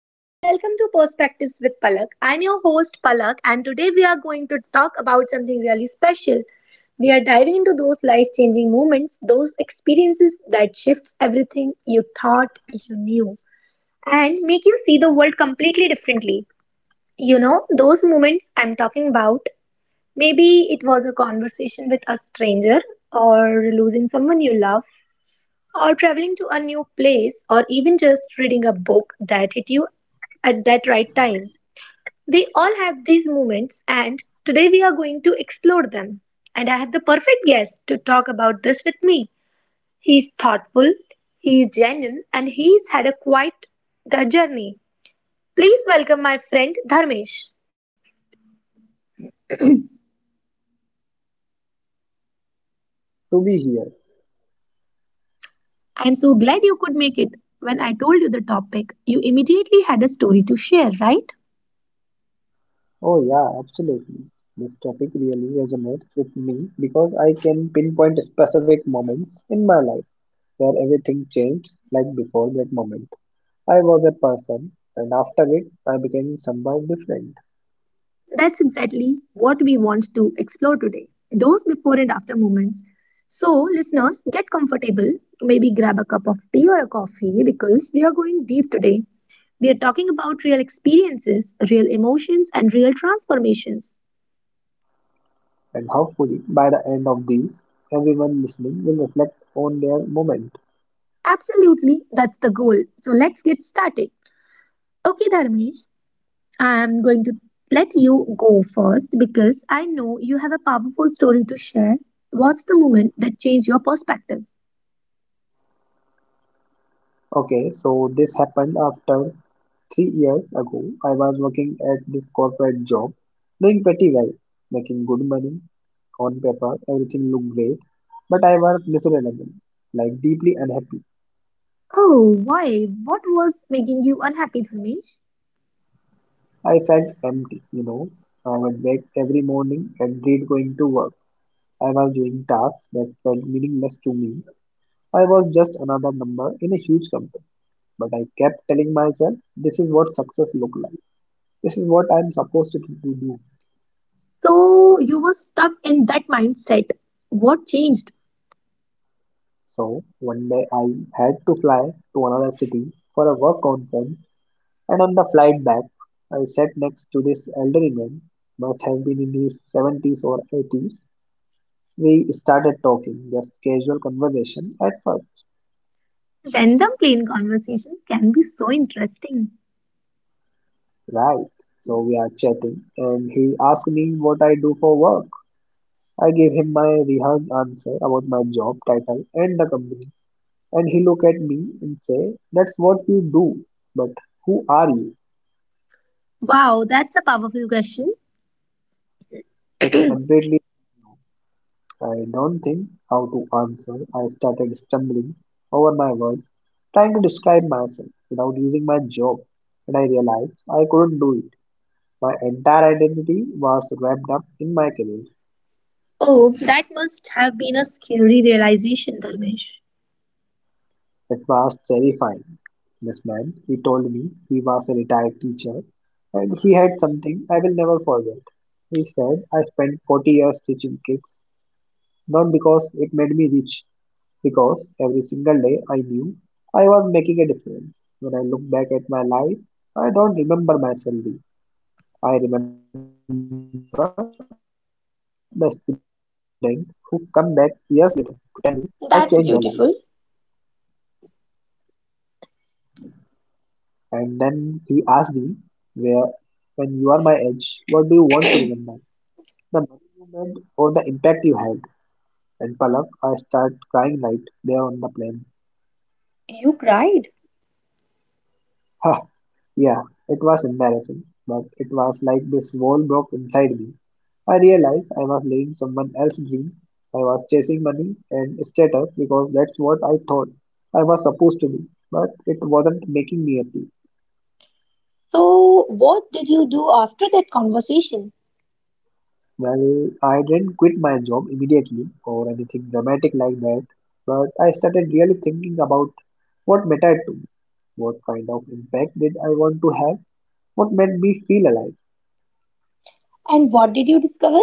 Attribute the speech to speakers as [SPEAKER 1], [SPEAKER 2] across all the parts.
[SPEAKER 1] and welcome to Perspectives with Palak. I'm your host, Palak, and today we are going to talk about something really special. We are diving into those life changing moments, those experiences that shifts everything you thought you knew and make you see the world completely differently. You know, those moments I'm talking about, maybe it was a conversation with a stranger or losing someone you love or traveling to a new place or even just reading a book that hit you at that right time. We all have these moments and today we are going to explore them. And I have the perfect guest to talk about this with me. He's thoughtful, he's genuine and he's had a quite the journey. Please welcome my friend Dharmesh.
[SPEAKER 2] Hey Palak, thank you so much for having me. I'm excited to be here.
[SPEAKER 1] I am so glad you could make it. When I told you the topic, you immediately had a story to share, right?
[SPEAKER 2] Oh yeah, absolutely. This topic really resonates with me because I can pinpoint specific moments in my life where everything changed like before that moment. I was a person and after it I became someone different.
[SPEAKER 1] That's exactly what we want to explore today those before and after moments. So, listeners, get comfortable. Maybe grab a cup of tea or a coffee because we are going deep today. We are talking about real experiences, real emotions, and real transformations.
[SPEAKER 2] And hopefully by the end of these, everyone listening will reflect on their moment.
[SPEAKER 1] Absolutely, that's the goal. So, let's get started. Okay, Dharmesh, I'm going to let you go first because I know you have a powerful story to share. What's the moment that changed your perspective?
[SPEAKER 2] Okay, so this happened after 3 years ago, I was working at this corporate job, doing pretty well, making good money. On paper, everything looked great, but I was miserable, like deeply unhappy.
[SPEAKER 1] Oh, why? What was making you unhappy, Dharmesh?
[SPEAKER 2] I felt empty, you know. I would wake every morning and dread going to work. I was doing tasks that felt meaningless to me. I was just another number in a huge company. But I kept telling myself, this is what success looks like. This is what I'm supposed to do.
[SPEAKER 1] So you were stuck in that mindset. What changed?
[SPEAKER 2] So one day I had to fly to another city for a work conference, and on the flight back, I sat next to this elderly man, must have been in his 70s or 80s. We started talking, just casual conversation at first.
[SPEAKER 1] Random plain conversations can be so interesting.
[SPEAKER 2] Right. So we are chatting, and he asked me what I do for work. I gave him my rehearsed answer about my job title and the company, and he looked at me and said, "That's what you do, but who are you?"
[SPEAKER 1] Wow, that's a powerful question.
[SPEAKER 2] It completely I don't think how to answer. I started stumbling over my words, trying to describe myself without using my job, and I realized I couldn't do it. My entire identity was wrapped up in my career.
[SPEAKER 1] Oh, that must have been a scary realization, Dharmesh.
[SPEAKER 2] It was terrifying. This man, he told me he was a retired teacher and he had something I will never forget. He said, I spent 40 years teaching kids. Not because it made me rich, because every single day I knew I was making a difference. When I look back at my life, I don't remember my salary. I remember the student who come back years later to tell me I changed their life.
[SPEAKER 1] That's beautiful.
[SPEAKER 2] And then he asked me, where, when you are my age, what do you want to remember? The money you made or the impact you had? And Palak, I start crying right there on the plane.
[SPEAKER 1] You cried.
[SPEAKER 2] Yeah, it was embarrassing, but it was like this wall broke inside me. I realized I was living someone else's dream. I was chasing money and status because that's what I thought I was supposed to be, but it wasn't making me happy.
[SPEAKER 1] So, what did you do after that conversation?
[SPEAKER 2] Well, I didn't quit my job immediately or anything dramatic like that, but I started really thinking about what mattered to me. What kind of impact did I want to have? What made me feel alive?
[SPEAKER 1] And what did you discover?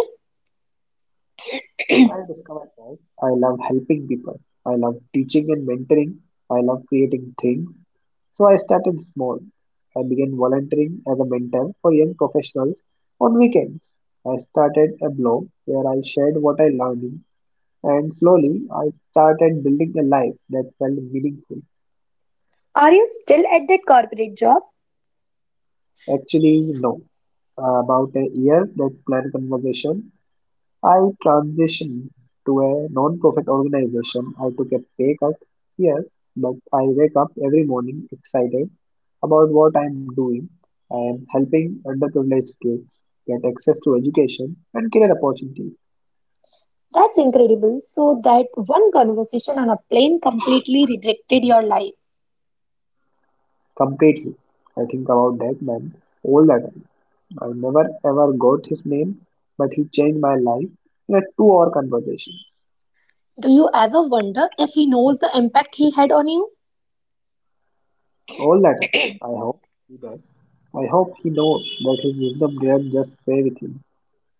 [SPEAKER 2] I discovered that I love helping people. I love teaching and mentoring. I love creating things. So I started small. I began volunteering as a mentor for young professionals on weekends. I started a blog where I shared what I learned, and slowly I started building a life that felt meaningful.
[SPEAKER 1] Are you still at that corporate job?
[SPEAKER 2] Actually, no. About a year that planned conversation, I transitioned to a non-profit organization. I took a pay cut, yes, but I wake up every morning excited about what I am doing. I am helping underprivileged kids get access to education and career opportunities
[SPEAKER 1] That's incredible. So that one conversation on a plane completely redirected your life.
[SPEAKER 2] completely. I think about that man all the time. I never ever got his name, but he changed my life in a 2 hour conversation.
[SPEAKER 1] Do you ever wonder if he knows the impact he had on you?
[SPEAKER 2] All the time. I hope he does. I hope he knows that his wisdom didn't just stay with him,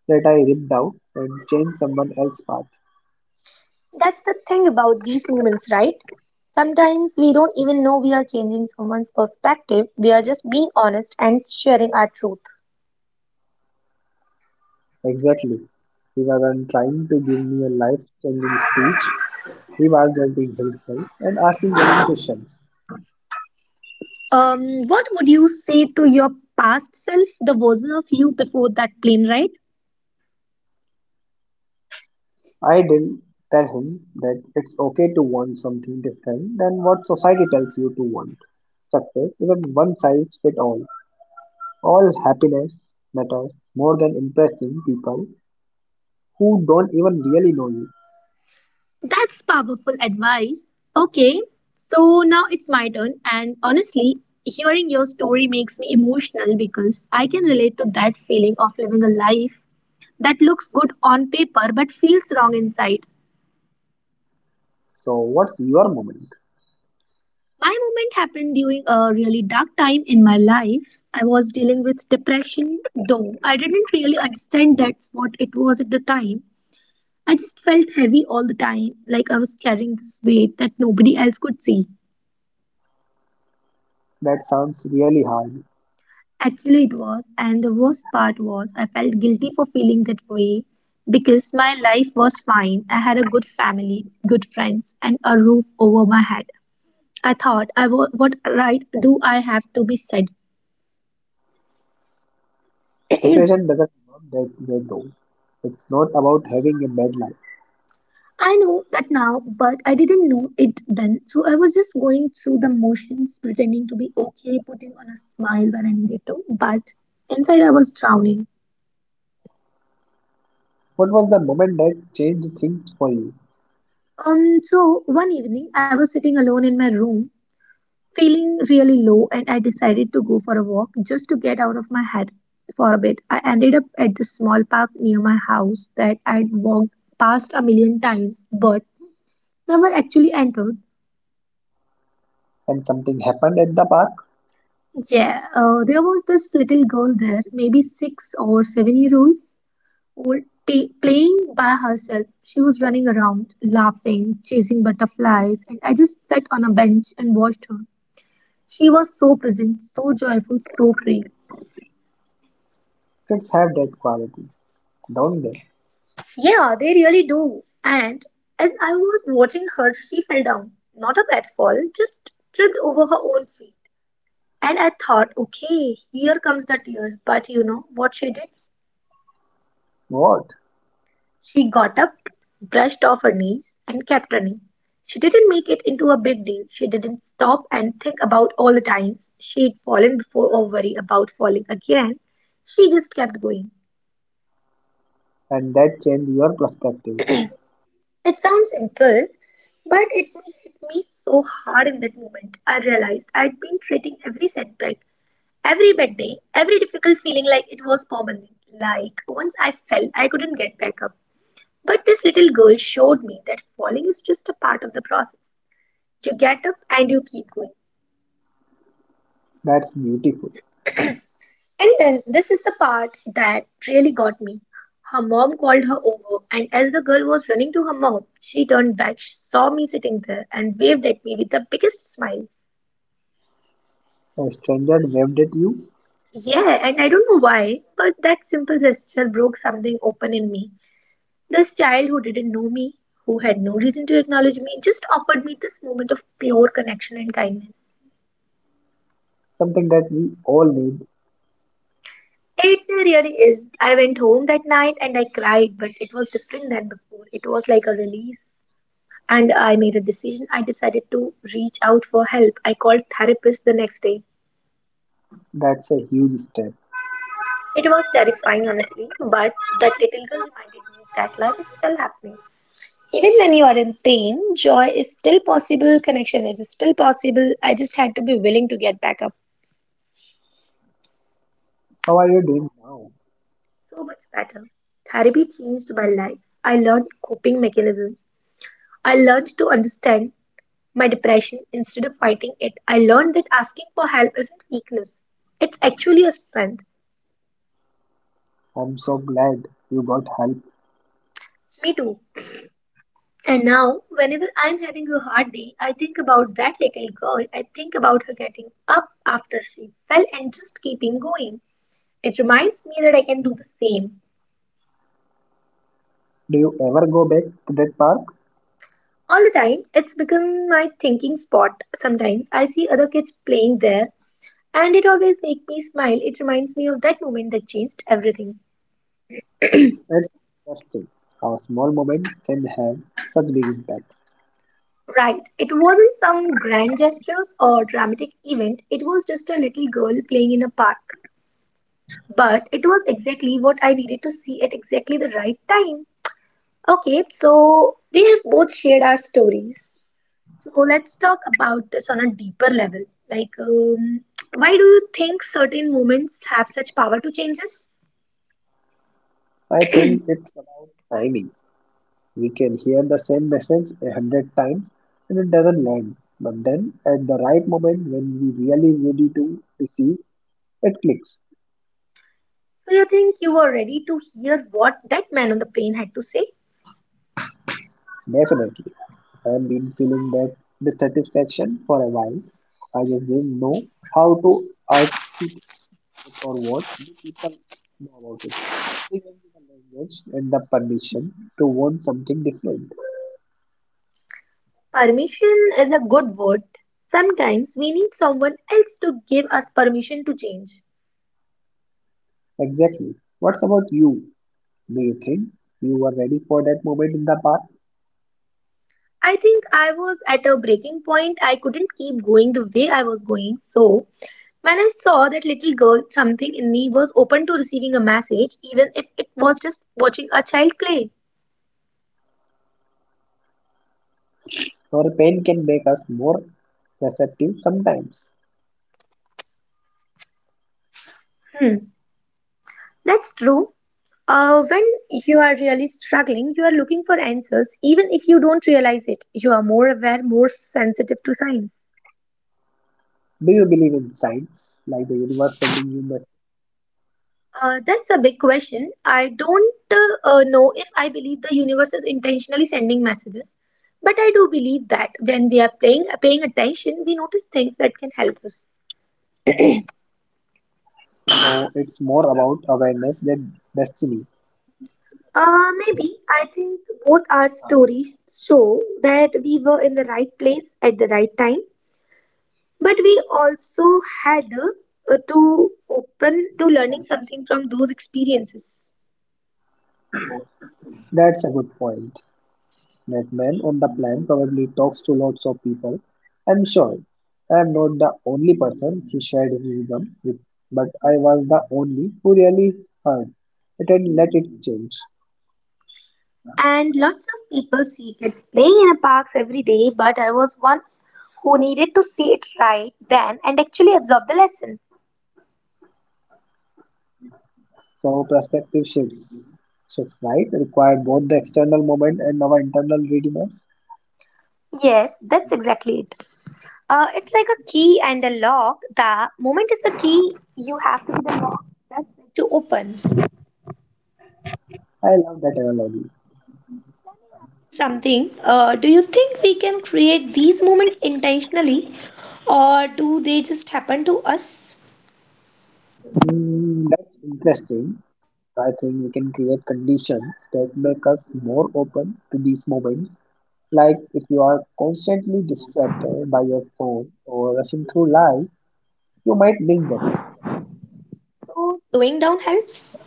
[SPEAKER 2] that I ripped out and changed someone else's path.
[SPEAKER 1] That's the thing about these moments, right? Sometimes we don't even know we are changing someone's perspective. We are just being honest and sharing our truth.
[SPEAKER 2] Exactly. He wasn't trying to give me a life changing speech, he was just being helpful and asking genuine questions.
[SPEAKER 1] What would you say to your past self, the version of you before that plane ride?
[SPEAKER 2] I did tell him that it's okay to want something different than what society tells you to want. Success isn't one size fits all. All happiness matters more than impressing people who don't even really know you.
[SPEAKER 1] That's powerful advice. Okay, so now it's my turn, and honestly, hearing your story makes me emotional because I can relate to that feeling of living a life that looks good on paper but feels wrong inside.
[SPEAKER 2] So, what's your moment?
[SPEAKER 1] My moment happened during a really dark time in my life. I was dealing with depression, though I didn't really understand that's what it was at the time. I just felt heavy all the time, like I was carrying this weight that nobody else could see.
[SPEAKER 2] That sounds really hard.
[SPEAKER 1] Actually, it was, and the worst part was I felt guilty for feeling that way because my life was fine. I had a good family, good friends, and a roof over my head. I thought, what right do I have to be sad?
[SPEAKER 2] Depression doesn't work that way though. It's not about having a bad life.
[SPEAKER 1] I know that now, but I didn't know it then. So I was just going through the motions, pretending to be okay, putting on a smile when I needed to, but inside I was drowning.
[SPEAKER 2] What was the moment that changed things for you?
[SPEAKER 1] So one evening I was sitting alone in my room feeling really low, and I decided to go for a walk just to get out of my head for a bit. I ended up at this small park near my house that I'd walked past a million times but never actually entered.
[SPEAKER 2] And something happened at the park?
[SPEAKER 1] Yeah, there was this little girl there, maybe 6 or 7 years old, playing by herself. She was running around, laughing, chasing butterflies, and I just sat on a bench and watched her. She was so present, so joyful, so free.
[SPEAKER 2] Kids have that quality, don't they?
[SPEAKER 1] Yeah, they really do. And as I was watching her, she fell down. Not a bad fall, just tripped over her own feet. And I thought, okay, here comes the tears. But you know what she did?
[SPEAKER 2] What?
[SPEAKER 1] She got up, brushed off her knees, and kept running. She didn't make it into a big deal. She didn't stop and think about all the times she'd fallen before or worry about falling again. She just kept going.
[SPEAKER 2] And that changed your perspective.
[SPEAKER 1] It sounds simple, but it hit me so hard in that moment. I realized I'd been treating every setback, every bad day, every difficult feeling like it was permanent. Like once I fell, I couldn't get back up. But this little girl showed me that falling is just a part of the process. You get up and you keep going.
[SPEAKER 2] That's beautiful.
[SPEAKER 1] And then this is the part that really got me. Her mom called her over, and as the girl was running to her mom, she turned back, saw me sitting there, and waved at me with the biggest smile.
[SPEAKER 2] A stranger waved at you,
[SPEAKER 1] Yeah, and I don't know why, but that simple gesture broke something open in me. This child who didn't know me, who had no reason to acknowledge me, just offered me this moment of pure connection and kindness.
[SPEAKER 2] something that we all need.
[SPEAKER 1] It really is. I went home that night and I cried, but it was different than before. It was like a release. And I made a decision. I decided to reach out for help. I called therapist the next day.
[SPEAKER 2] That's a huge step.
[SPEAKER 1] It was terrifying, honestly, but that little girl reminded me that life is still happening. Even when you are in pain, joy is still possible, connection is still possible. I just had to be willing to get back up.
[SPEAKER 2] How are you doing now?
[SPEAKER 1] So much better. Therapy changed my life. I learned coping mechanisms. I learned to understand my depression instead of fighting it. I learned that asking for help isn't weakness, it's actually a strength.
[SPEAKER 2] I'm so glad you got help.
[SPEAKER 1] Me too. And now, whenever I'm having a hard day, I think about that little girl. I think about her getting up after she fell and just keeping going. It reminds me that I can do the same.
[SPEAKER 2] Do you ever go back to that park?
[SPEAKER 1] All the time, it's become my thinking spot. Sometimes I see other kids playing there, and it always makes me smile. It reminds me of that moment that changed everything.
[SPEAKER 2] It's interesting how small moments can have such big impacts.
[SPEAKER 1] Right, it wasn't some grand gestures or dramatic event, it was just a little girl playing in a park. But it was exactly what I needed to see at exactly the right time. Okay, so we have both shared our stories. So let's talk about this on a deeper level. Like, why do you think certain moments have such power to change us?
[SPEAKER 2] I think it's about timing. We can hear the same message 100 times and it doesn't land. But then at the right moment when we really ready to receive, it clicks.
[SPEAKER 1] Do you think you were ready to hear what that man on the plane had to say?
[SPEAKER 2] Definitely. I've been feeling that dissatisfaction for a while. I just didn't know how to articulate it or what do people know about it. They gave me the language and the permission to want something different.
[SPEAKER 1] Permission is a good word. Sometimes we need someone else to give us permission to change.
[SPEAKER 2] Exactly. What's about you? Do you think you were ready for that moment in the park?
[SPEAKER 1] I think I was at a breaking point. I couldn't keep going the way I was going, so when I saw that little girl, something in me was open to receiving a message, even if it was just watching a child play.
[SPEAKER 2] Our pain can make us more receptive sometimes.
[SPEAKER 1] Hmm, that's true. When you are really struggling, you are looking for answers, even if you don't realize it. You are more aware, more sensitive to signs.
[SPEAKER 2] Do you believe in signs, like the universe sending you messages?
[SPEAKER 1] That's a big question. I don't know if I believe the universe is intentionally sending messages, but I do believe that when we are playing, paying attention, we notice things that can help us.
[SPEAKER 2] No, it's more about awareness than destiny.
[SPEAKER 1] Maybe I think both our stories show that we were in the right place at the right time, but we also had to open to learning something from those experiences.
[SPEAKER 2] That's a good point. That man on the plan probably talks to lots of people. I'm sure I am not the only person he shared his rhythm with, but I was the only who really heard it and let it change.
[SPEAKER 1] And lots of people see kids playing in the parks every day, but I was one who needed to see it right then and actually absorb the lesson.
[SPEAKER 2] So perspective shifts, right, require both the external moment and our internal readiness.
[SPEAKER 1] Yes, that's exactly it. It's like a key and a lock. The moment is the key, you have to be the lock that's meant to open.
[SPEAKER 2] I love that analogy.
[SPEAKER 1] Something. Do you think we can create these moments intentionally, or do they just happen to us?
[SPEAKER 2] That's interesting. I think we can create conditions that make us more open to these moments. Like if you are constantly distracted by your phone or rushing through life, you might miss them.
[SPEAKER 1] So slowing down helps.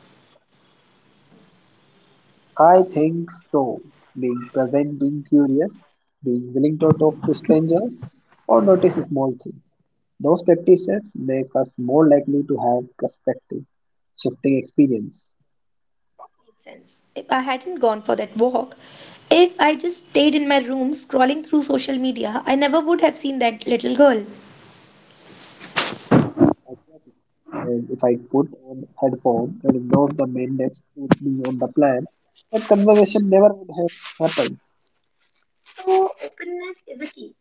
[SPEAKER 2] I think so. Being present, being curious, being willing to talk to strangers, or notice small things. Those practices make us more likely to have perspective shifting experience.
[SPEAKER 1] Makes sense. If I hadn't gone for that walk, if I just stayed in my room scrolling through social media, I never would have seen that little girl.
[SPEAKER 2] Exactly. And if I put on headphone and ignore the main next to me on the plan, that conversation never would have happened.
[SPEAKER 1] So, openness is the key.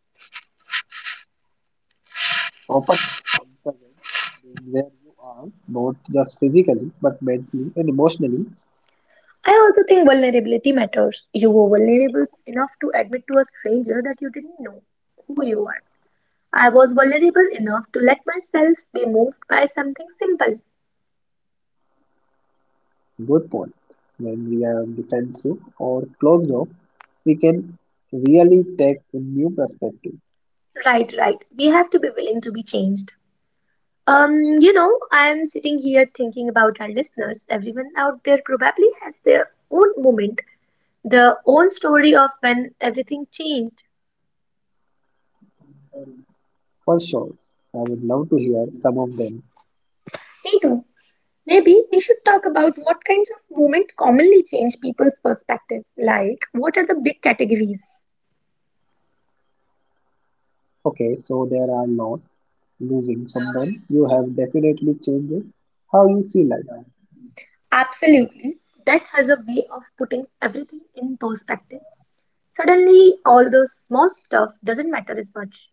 [SPEAKER 2] Openness and presence, being where you are, not just physically but mentally and emotionally,
[SPEAKER 1] I also think vulnerability matters. You were vulnerable enough to admit to a stranger that you didn't know who you are. I was vulnerable enough to let myself be moved by something simple.
[SPEAKER 2] good point. When we are defensive or closed off, we can really take a new perspective.
[SPEAKER 1] Right, right. We have to be willing to be changed. Um, I am sitting here thinking about our listeners. Everyone out there probably has their own moment, their own story of when everything changed.
[SPEAKER 2] For sure. I would love to hear some of them.
[SPEAKER 1] Me too. Maybe we should talk about what kinds of movements commonly change people's perspective. Like, what are the big categories?
[SPEAKER 2] Okay, so there are laws. Losing someone, you have definitely changes how you see life.
[SPEAKER 1] Absolutely. Death has a way of putting everything in perspective. Suddenly, all those small stuff doesn't matter as much.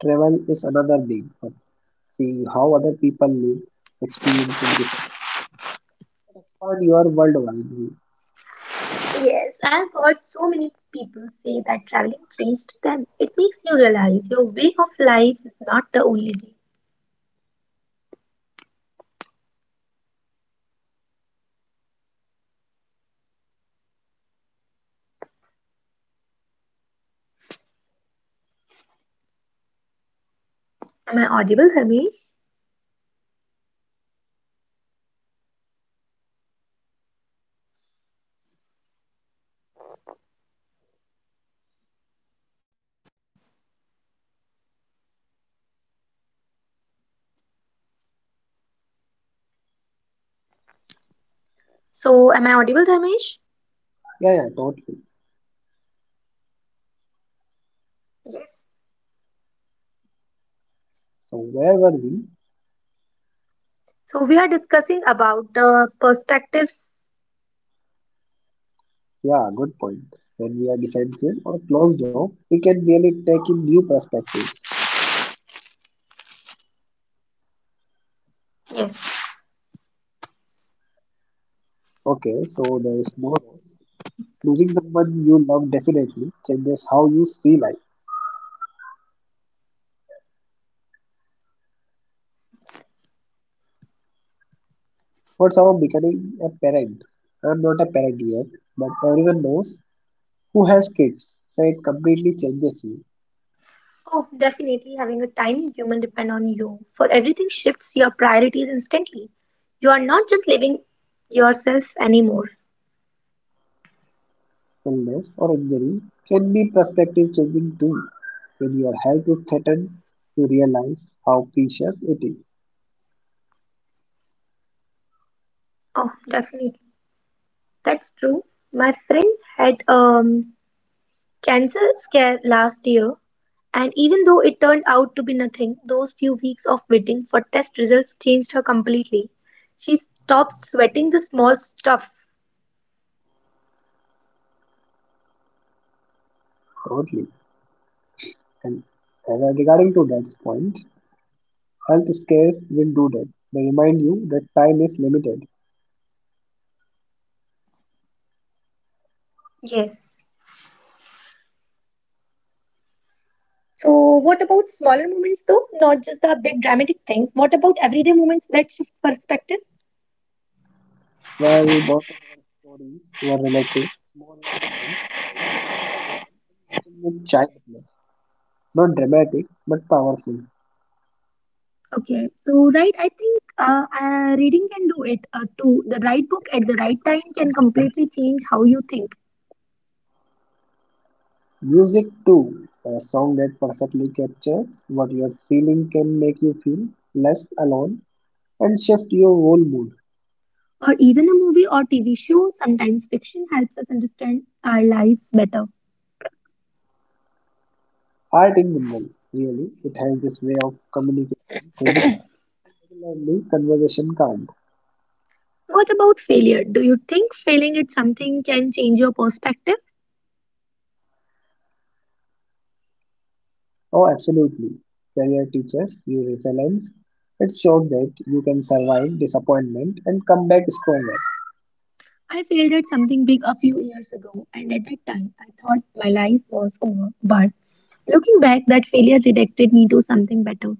[SPEAKER 2] Travel is another big one. Seeing how other people live, experiencing different expand your worldwide view.
[SPEAKER 1] Yes, I've heard so many people say that traveling changed them. It makes you realize your way of life is not the only way. Am I audible, Dharmesh? So, am I audible, Dharmesh?
[SPEAKER 2] Yeah, yeah, totally.
[SPEAKER 1] Yes.
[SPEAKER 2] So where were we?
[SPEAKER 1] So, we are discussing about the perspectives.
[SPEAKER 2] Yeah, good point. When we are defensive or closed off, we can really take in new perspectives.
[SPEAKER 1] Yes.
[SPEAKER 2] Okay, so there is no loss. Losing someone you love definitely changes how you see life. What's about becoming a parent? I'm not a parent yet, but everyone knows who has kids, so it completely changes you.
[SPEAKER 1] Oh, definitely, having a tiny human depend on you for everything shifts your priorities instantly. You are not just living yourself anymore.
[SPEAKER 2] Illness or injury can be perspective changing too. When your health is threatened, you realize how precious it is.
[SPEAKER 1] Oh, definitely. That's true. My friend had cancer scare last year, and even though it turned out to be nothing, those few weeks of waiting for test results changed her completely. She stopped sweating the small stuff.
[SPEAKER 2] Totally. And regarding to that point, health scares will do that. They remind you that time is limited.
[SPEAKER 1] Yes. So, what about smaller moments though? Not just the big dramatic things. What about everyday moments that shift perspective?
[SPEAKER 2] While both of our stories were relative, smaller moments, a conversation, and watching a child play. Not dramatic, but powerful.
[SPEAKER 1] Okay, so right, I think reading can do it too. The right book at the right time can completely change how you think.
[SPEAKER 2] Music too, a song that perfectly captures what you're feeling can make you feel less alone and shift your whole mood.
[SPEAKER 1] Or even a movie or TV show, sometimes fiction helps us understand our lives better.
[SPEAKER 2] Art in general, really, it has this way of communicating things regularly conversation can't.
[SPEAKER 1] What about failure? Do you think failing at something can change your perspective?
[SPEAKER 2] Oh, absolutely. Failure teaches you resilience. It shows that you can survive disappointment and come back stronger.
[SPEAKER 1] I failed at something big a few years ago, and at that time I thought my life was over. But looking back, that failure redirected me to something better.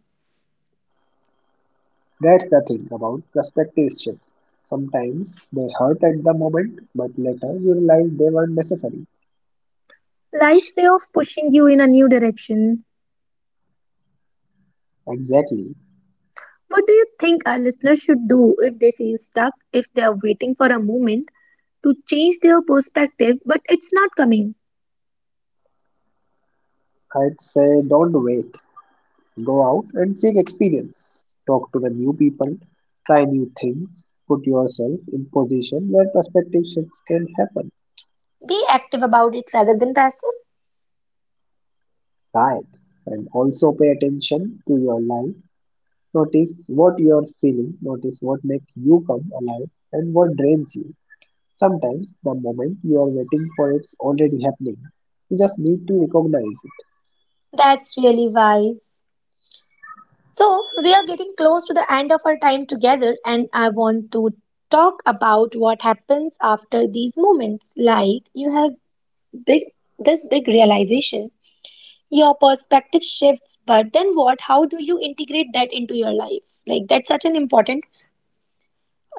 [SPEAKER 2] That's the thing about perspective shifts. Sometimes they hurt at the moment, but later you realize they were necessary.
[SPEAKER 1] Life's way of pushing you in a new direction.
[SPEAKER 2] Exactly.
[SPEAKER 1] What do you think our listeners should do if they feel stuck, if they are waiting for a moment to change their perspective, but it's not coming?
[SPEAKER 2] I'd say don't wait. Go out and seek experience. Talk to the new people, try new things, put yourself in position where perspective shifts can happen.
[SPEAKER 1] Be active about it rather than passive.
[SPEAKER 2] Right. And also pay attention to your life. Notice what you are feeling, notice what makes you come alive and what drains you. Sometimes the moment you are waiting for it's already happening. You just need to recognize it.
[SPEAKER 1] That's really wise. So, we are getting close to the end of our time together, and I want to talk about what happens after these moments. Like, you have big this big realization, your perspective shifts, but then what? How do you integrate that into your life? Like,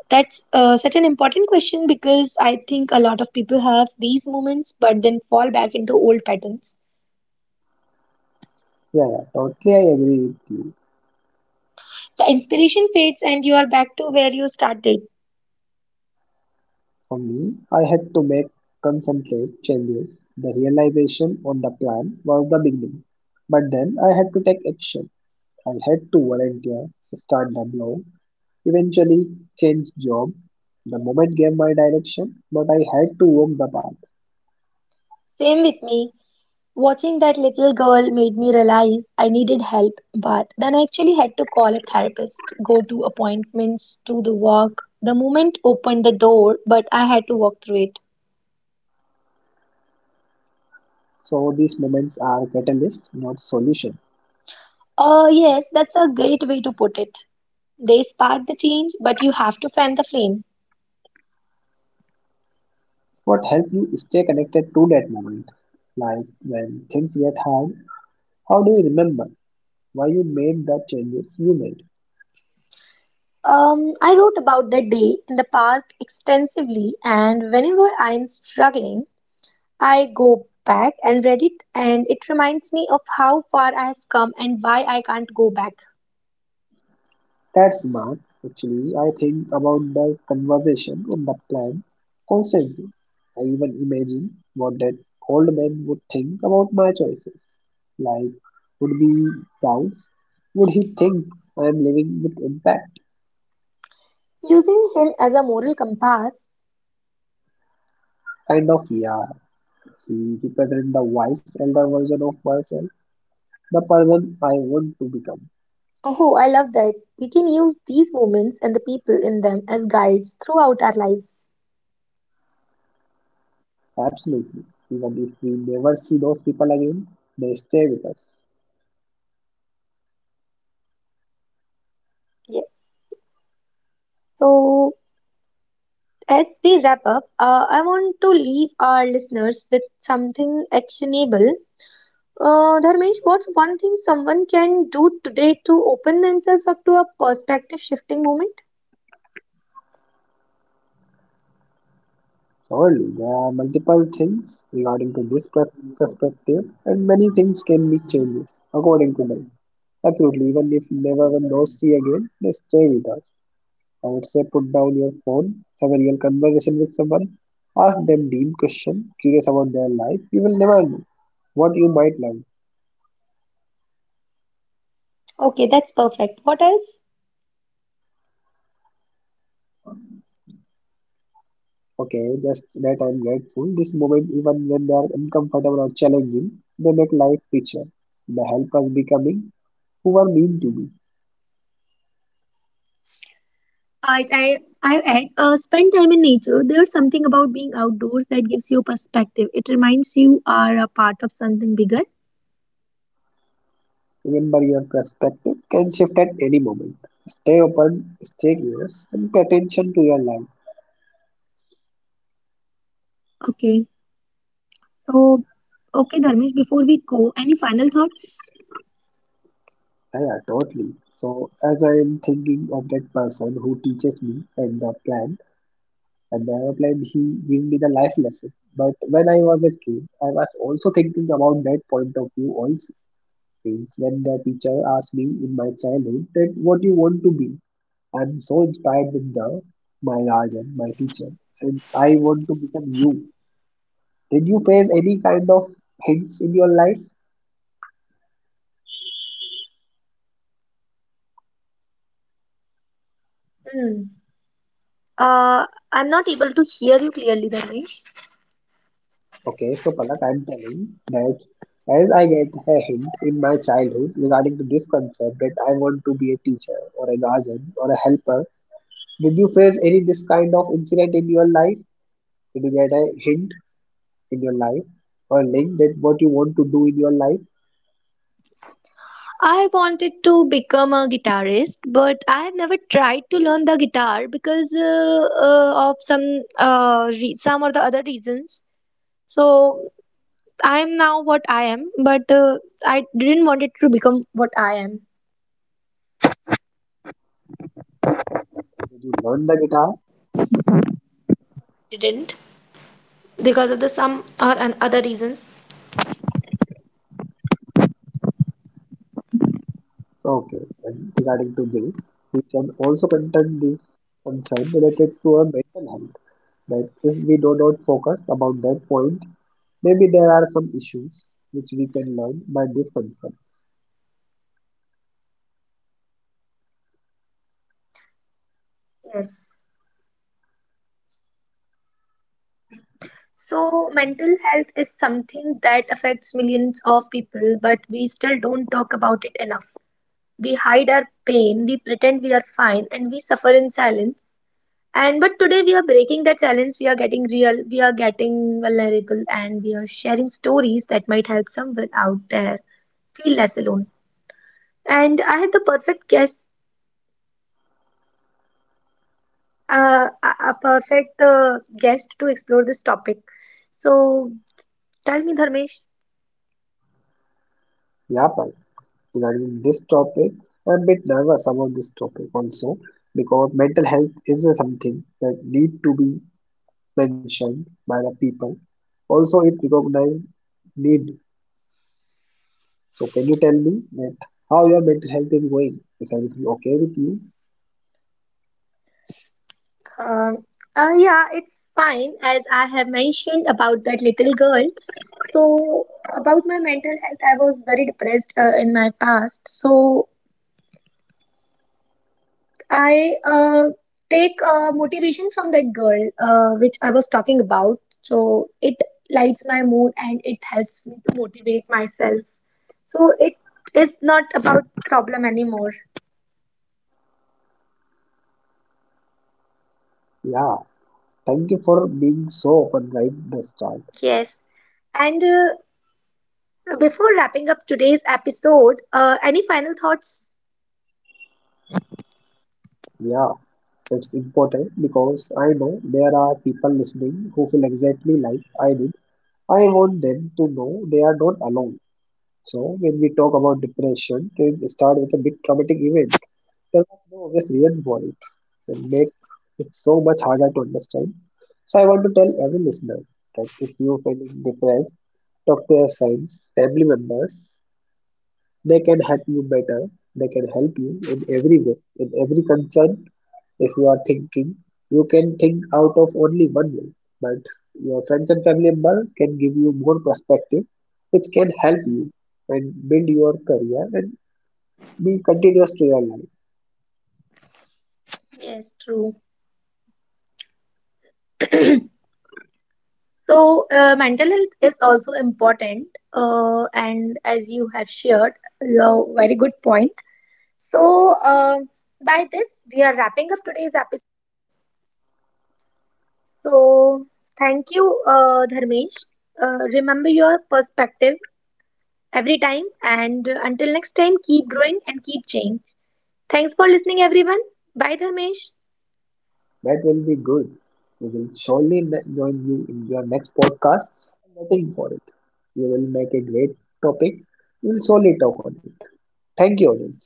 [SPEAKER 1] that's such an important question because I think a lot of people have these moments but then fall back into old patterns.
[SPEAKER 2] Yeah, yeah, totally, I agree with you.
[SPEAKER 1] The inspiration fades and you are back to where you started.
[SPEAKER 2] For me, I had to make concentrate changes. The realization on the plan was the beginning. But then I had to take action. I had to volunteer, start the blog, eventually change job. The moment gave my direction, but I had to walk the path.
[SPEAKER 1] Same with me. Watching that little girl made me realize I needed help, but then I actually had to call a therapist, go to appointments, do the work. The moment opened the door, but I had to walk through it.
[SPEAKER 2] So these moments are catalyst, not solution.
[SPEAKER 1] Oh, yes, that's a great way to put it. They spark the change, but you have to fan the flame.
[SPEAKER 2] What help you stay connected to that moment? Like when things get hard, how do you remember why you made the changes you made?
[SPEAKER 1] I wrote about that day in the park extensively, and whenever I am struggling, I go back and read it, and it reminds me of how far I have come and why I can't go back.
[SPEAKER 2] That's smart. Actually, I think about the conversation on the plan constantly. I even imagine what that old man would think about my choices. Like, would be proud? Would he think I am living with impact?
[SPEAKER 1] Using him as a moral compass.
[SPEAKER 2] Kind of yeah. He represents the wise elder version of myself, the person I want to become.
[SPEAKER 1] Oh, I love that. We can use these moments and the people in them as guides throughout our lives.
[SPEAKER 2] Absolutely. Even if we never see those people again, they stay with us.
[SPEAKER 1] Yes. So, as we wrap up, I want to leave our listeners with something actionable. Dharmesh, what's one thing someone can do today to open themselves up to a perspective shifting moment?
[SPEAKER 2] Surely there are multiple things regarding to this perspective, and many things can be changes according to them. Absolutely, even if never when those see again, they stay with us. I would say put down your phone, have a real conversation with someone, ask them deep question, curious about their life. You will never know what you might learn.
[SPEAKER 1] Okay, that's perfect. What else?
[SPEAKER 2] Okay, just that I'm grateful. This moment, even when they are uncomfortable or challenging, they make life richer. They help us becoming who we are meant to be.
[SPEAKER 1] I, I, I add, spend time in nature. There's something about being outdoors that gives you perspective. It reminds you are a part of something bigger.
[SPEAKER 2] Remember, your perspective can shift at any moment. Stay open, stay curious, and pay attention to your life.
[SPEAKER 1] Okay. So, okay, Dharmesh, before we go, any final thoughts?
[SPEAKER 2] Yeah, yeah, totally. So, as I am thinking of that person who teaches me and the plan he gave me the life lesson. But when I was a kid, I was also thinking about that point of view also things when the teacher asked me in my childhood that what you want to be. I'm so inspired with the my guardian, my teacher, and I want to become you. Did you face any kind of hints in your life?
[SPEAKER 1] Hmm. Uh, I'm not able to hear you clearly, Dharmesh.
[SPEAKER 2] Okay, so Palak, I'm telling that as I get a hint in my childhood regarding to this concept that I want to be a teacher or a guardian or a helper, did you face any this kind of incident in your life? Did you get a hint in your life or link that what you want to do in your life?
[SPEAKER 1] I wanted to become a guitarist, but I have never tried to learn the guitar because of some some or the other reasons. So I am now what I am, but I didn't want it to become what I am.
[SPEAKER 2] Did you learn the guitar?
[SPEAKER 1] Didn't because of the some or an other reasons.
[SPEAKER 2] Okay, and regarding to this, we can also content this concern related to our mental health. That if we do not focus about that point, maybe there are some issues which we can learn by this concern.
[SPEAKER 1] Yes. So, mental health is something that affects millions of people, but we still don't talk about it enough. We hide our pain, we pretend we are fine, and we suffer in silence. And but today we are breaking that silence, we are getting real, we are getting vulnerable, and we are sharing stories that might help someone out there feel less alone. And I had the perfect guest a perfect guest to explore this topic. So tell me, Dharmesh.
[SPEAKER 2] Yeah, Pal, regarding this topic, I'm a bit nervous about this topic also because mental health is a something that need to be mentioned by the people. Also, it recognize need. So can you tell me that how your mental health is going? Is everything okay with you?
[SPEAKER 1] Um yeah, it's fine as I have mentioned about that little girl. So about my mental health, I was very depressed in my past. So I take motivation from that girl, which I was talking about. So it lights my mood and it helps me to motivate myself. So it is not about problem anymore.
[SPEAKER 2] Yeah. Thank you for being so open right the start.
[SPEAKER 1] Yes. And before wrapping up today's episode, any final thoughts?
[SPEAKER 2] Yeah, it's important because I know there are people listening who feel exactly like I did. I want them to know they are not alone. So, when we talk about depression, it start with a big traumatic event. There was no obvious reason for it. It make it so much harder to understand. So, I want to tell every listener that if you're feeling depressed, talk to your friends, family members. They can help you better. They can help you in every way, in every concern, if you are thinking, you can think out of only one way, but your friends and family member can give you more perspective, which can help you and build your career and be continuous to your life.
[SPEAKER 1] Yes, true. So, mental health is also important, and as you have shared, your very good point. So, by this, we are wrapping up today's episode. So, thank you, Dharmesh. Remember your perspective every time, and until next time, keep growing and keep change. Thanks for listening, everyone. Bye, Dharmesh.
[SPEAKER 2] That will be good. We will surely join you in your next podcast. I'm waiting for it. You will make a great topic. We'll surely talk on it. Thank you, audience.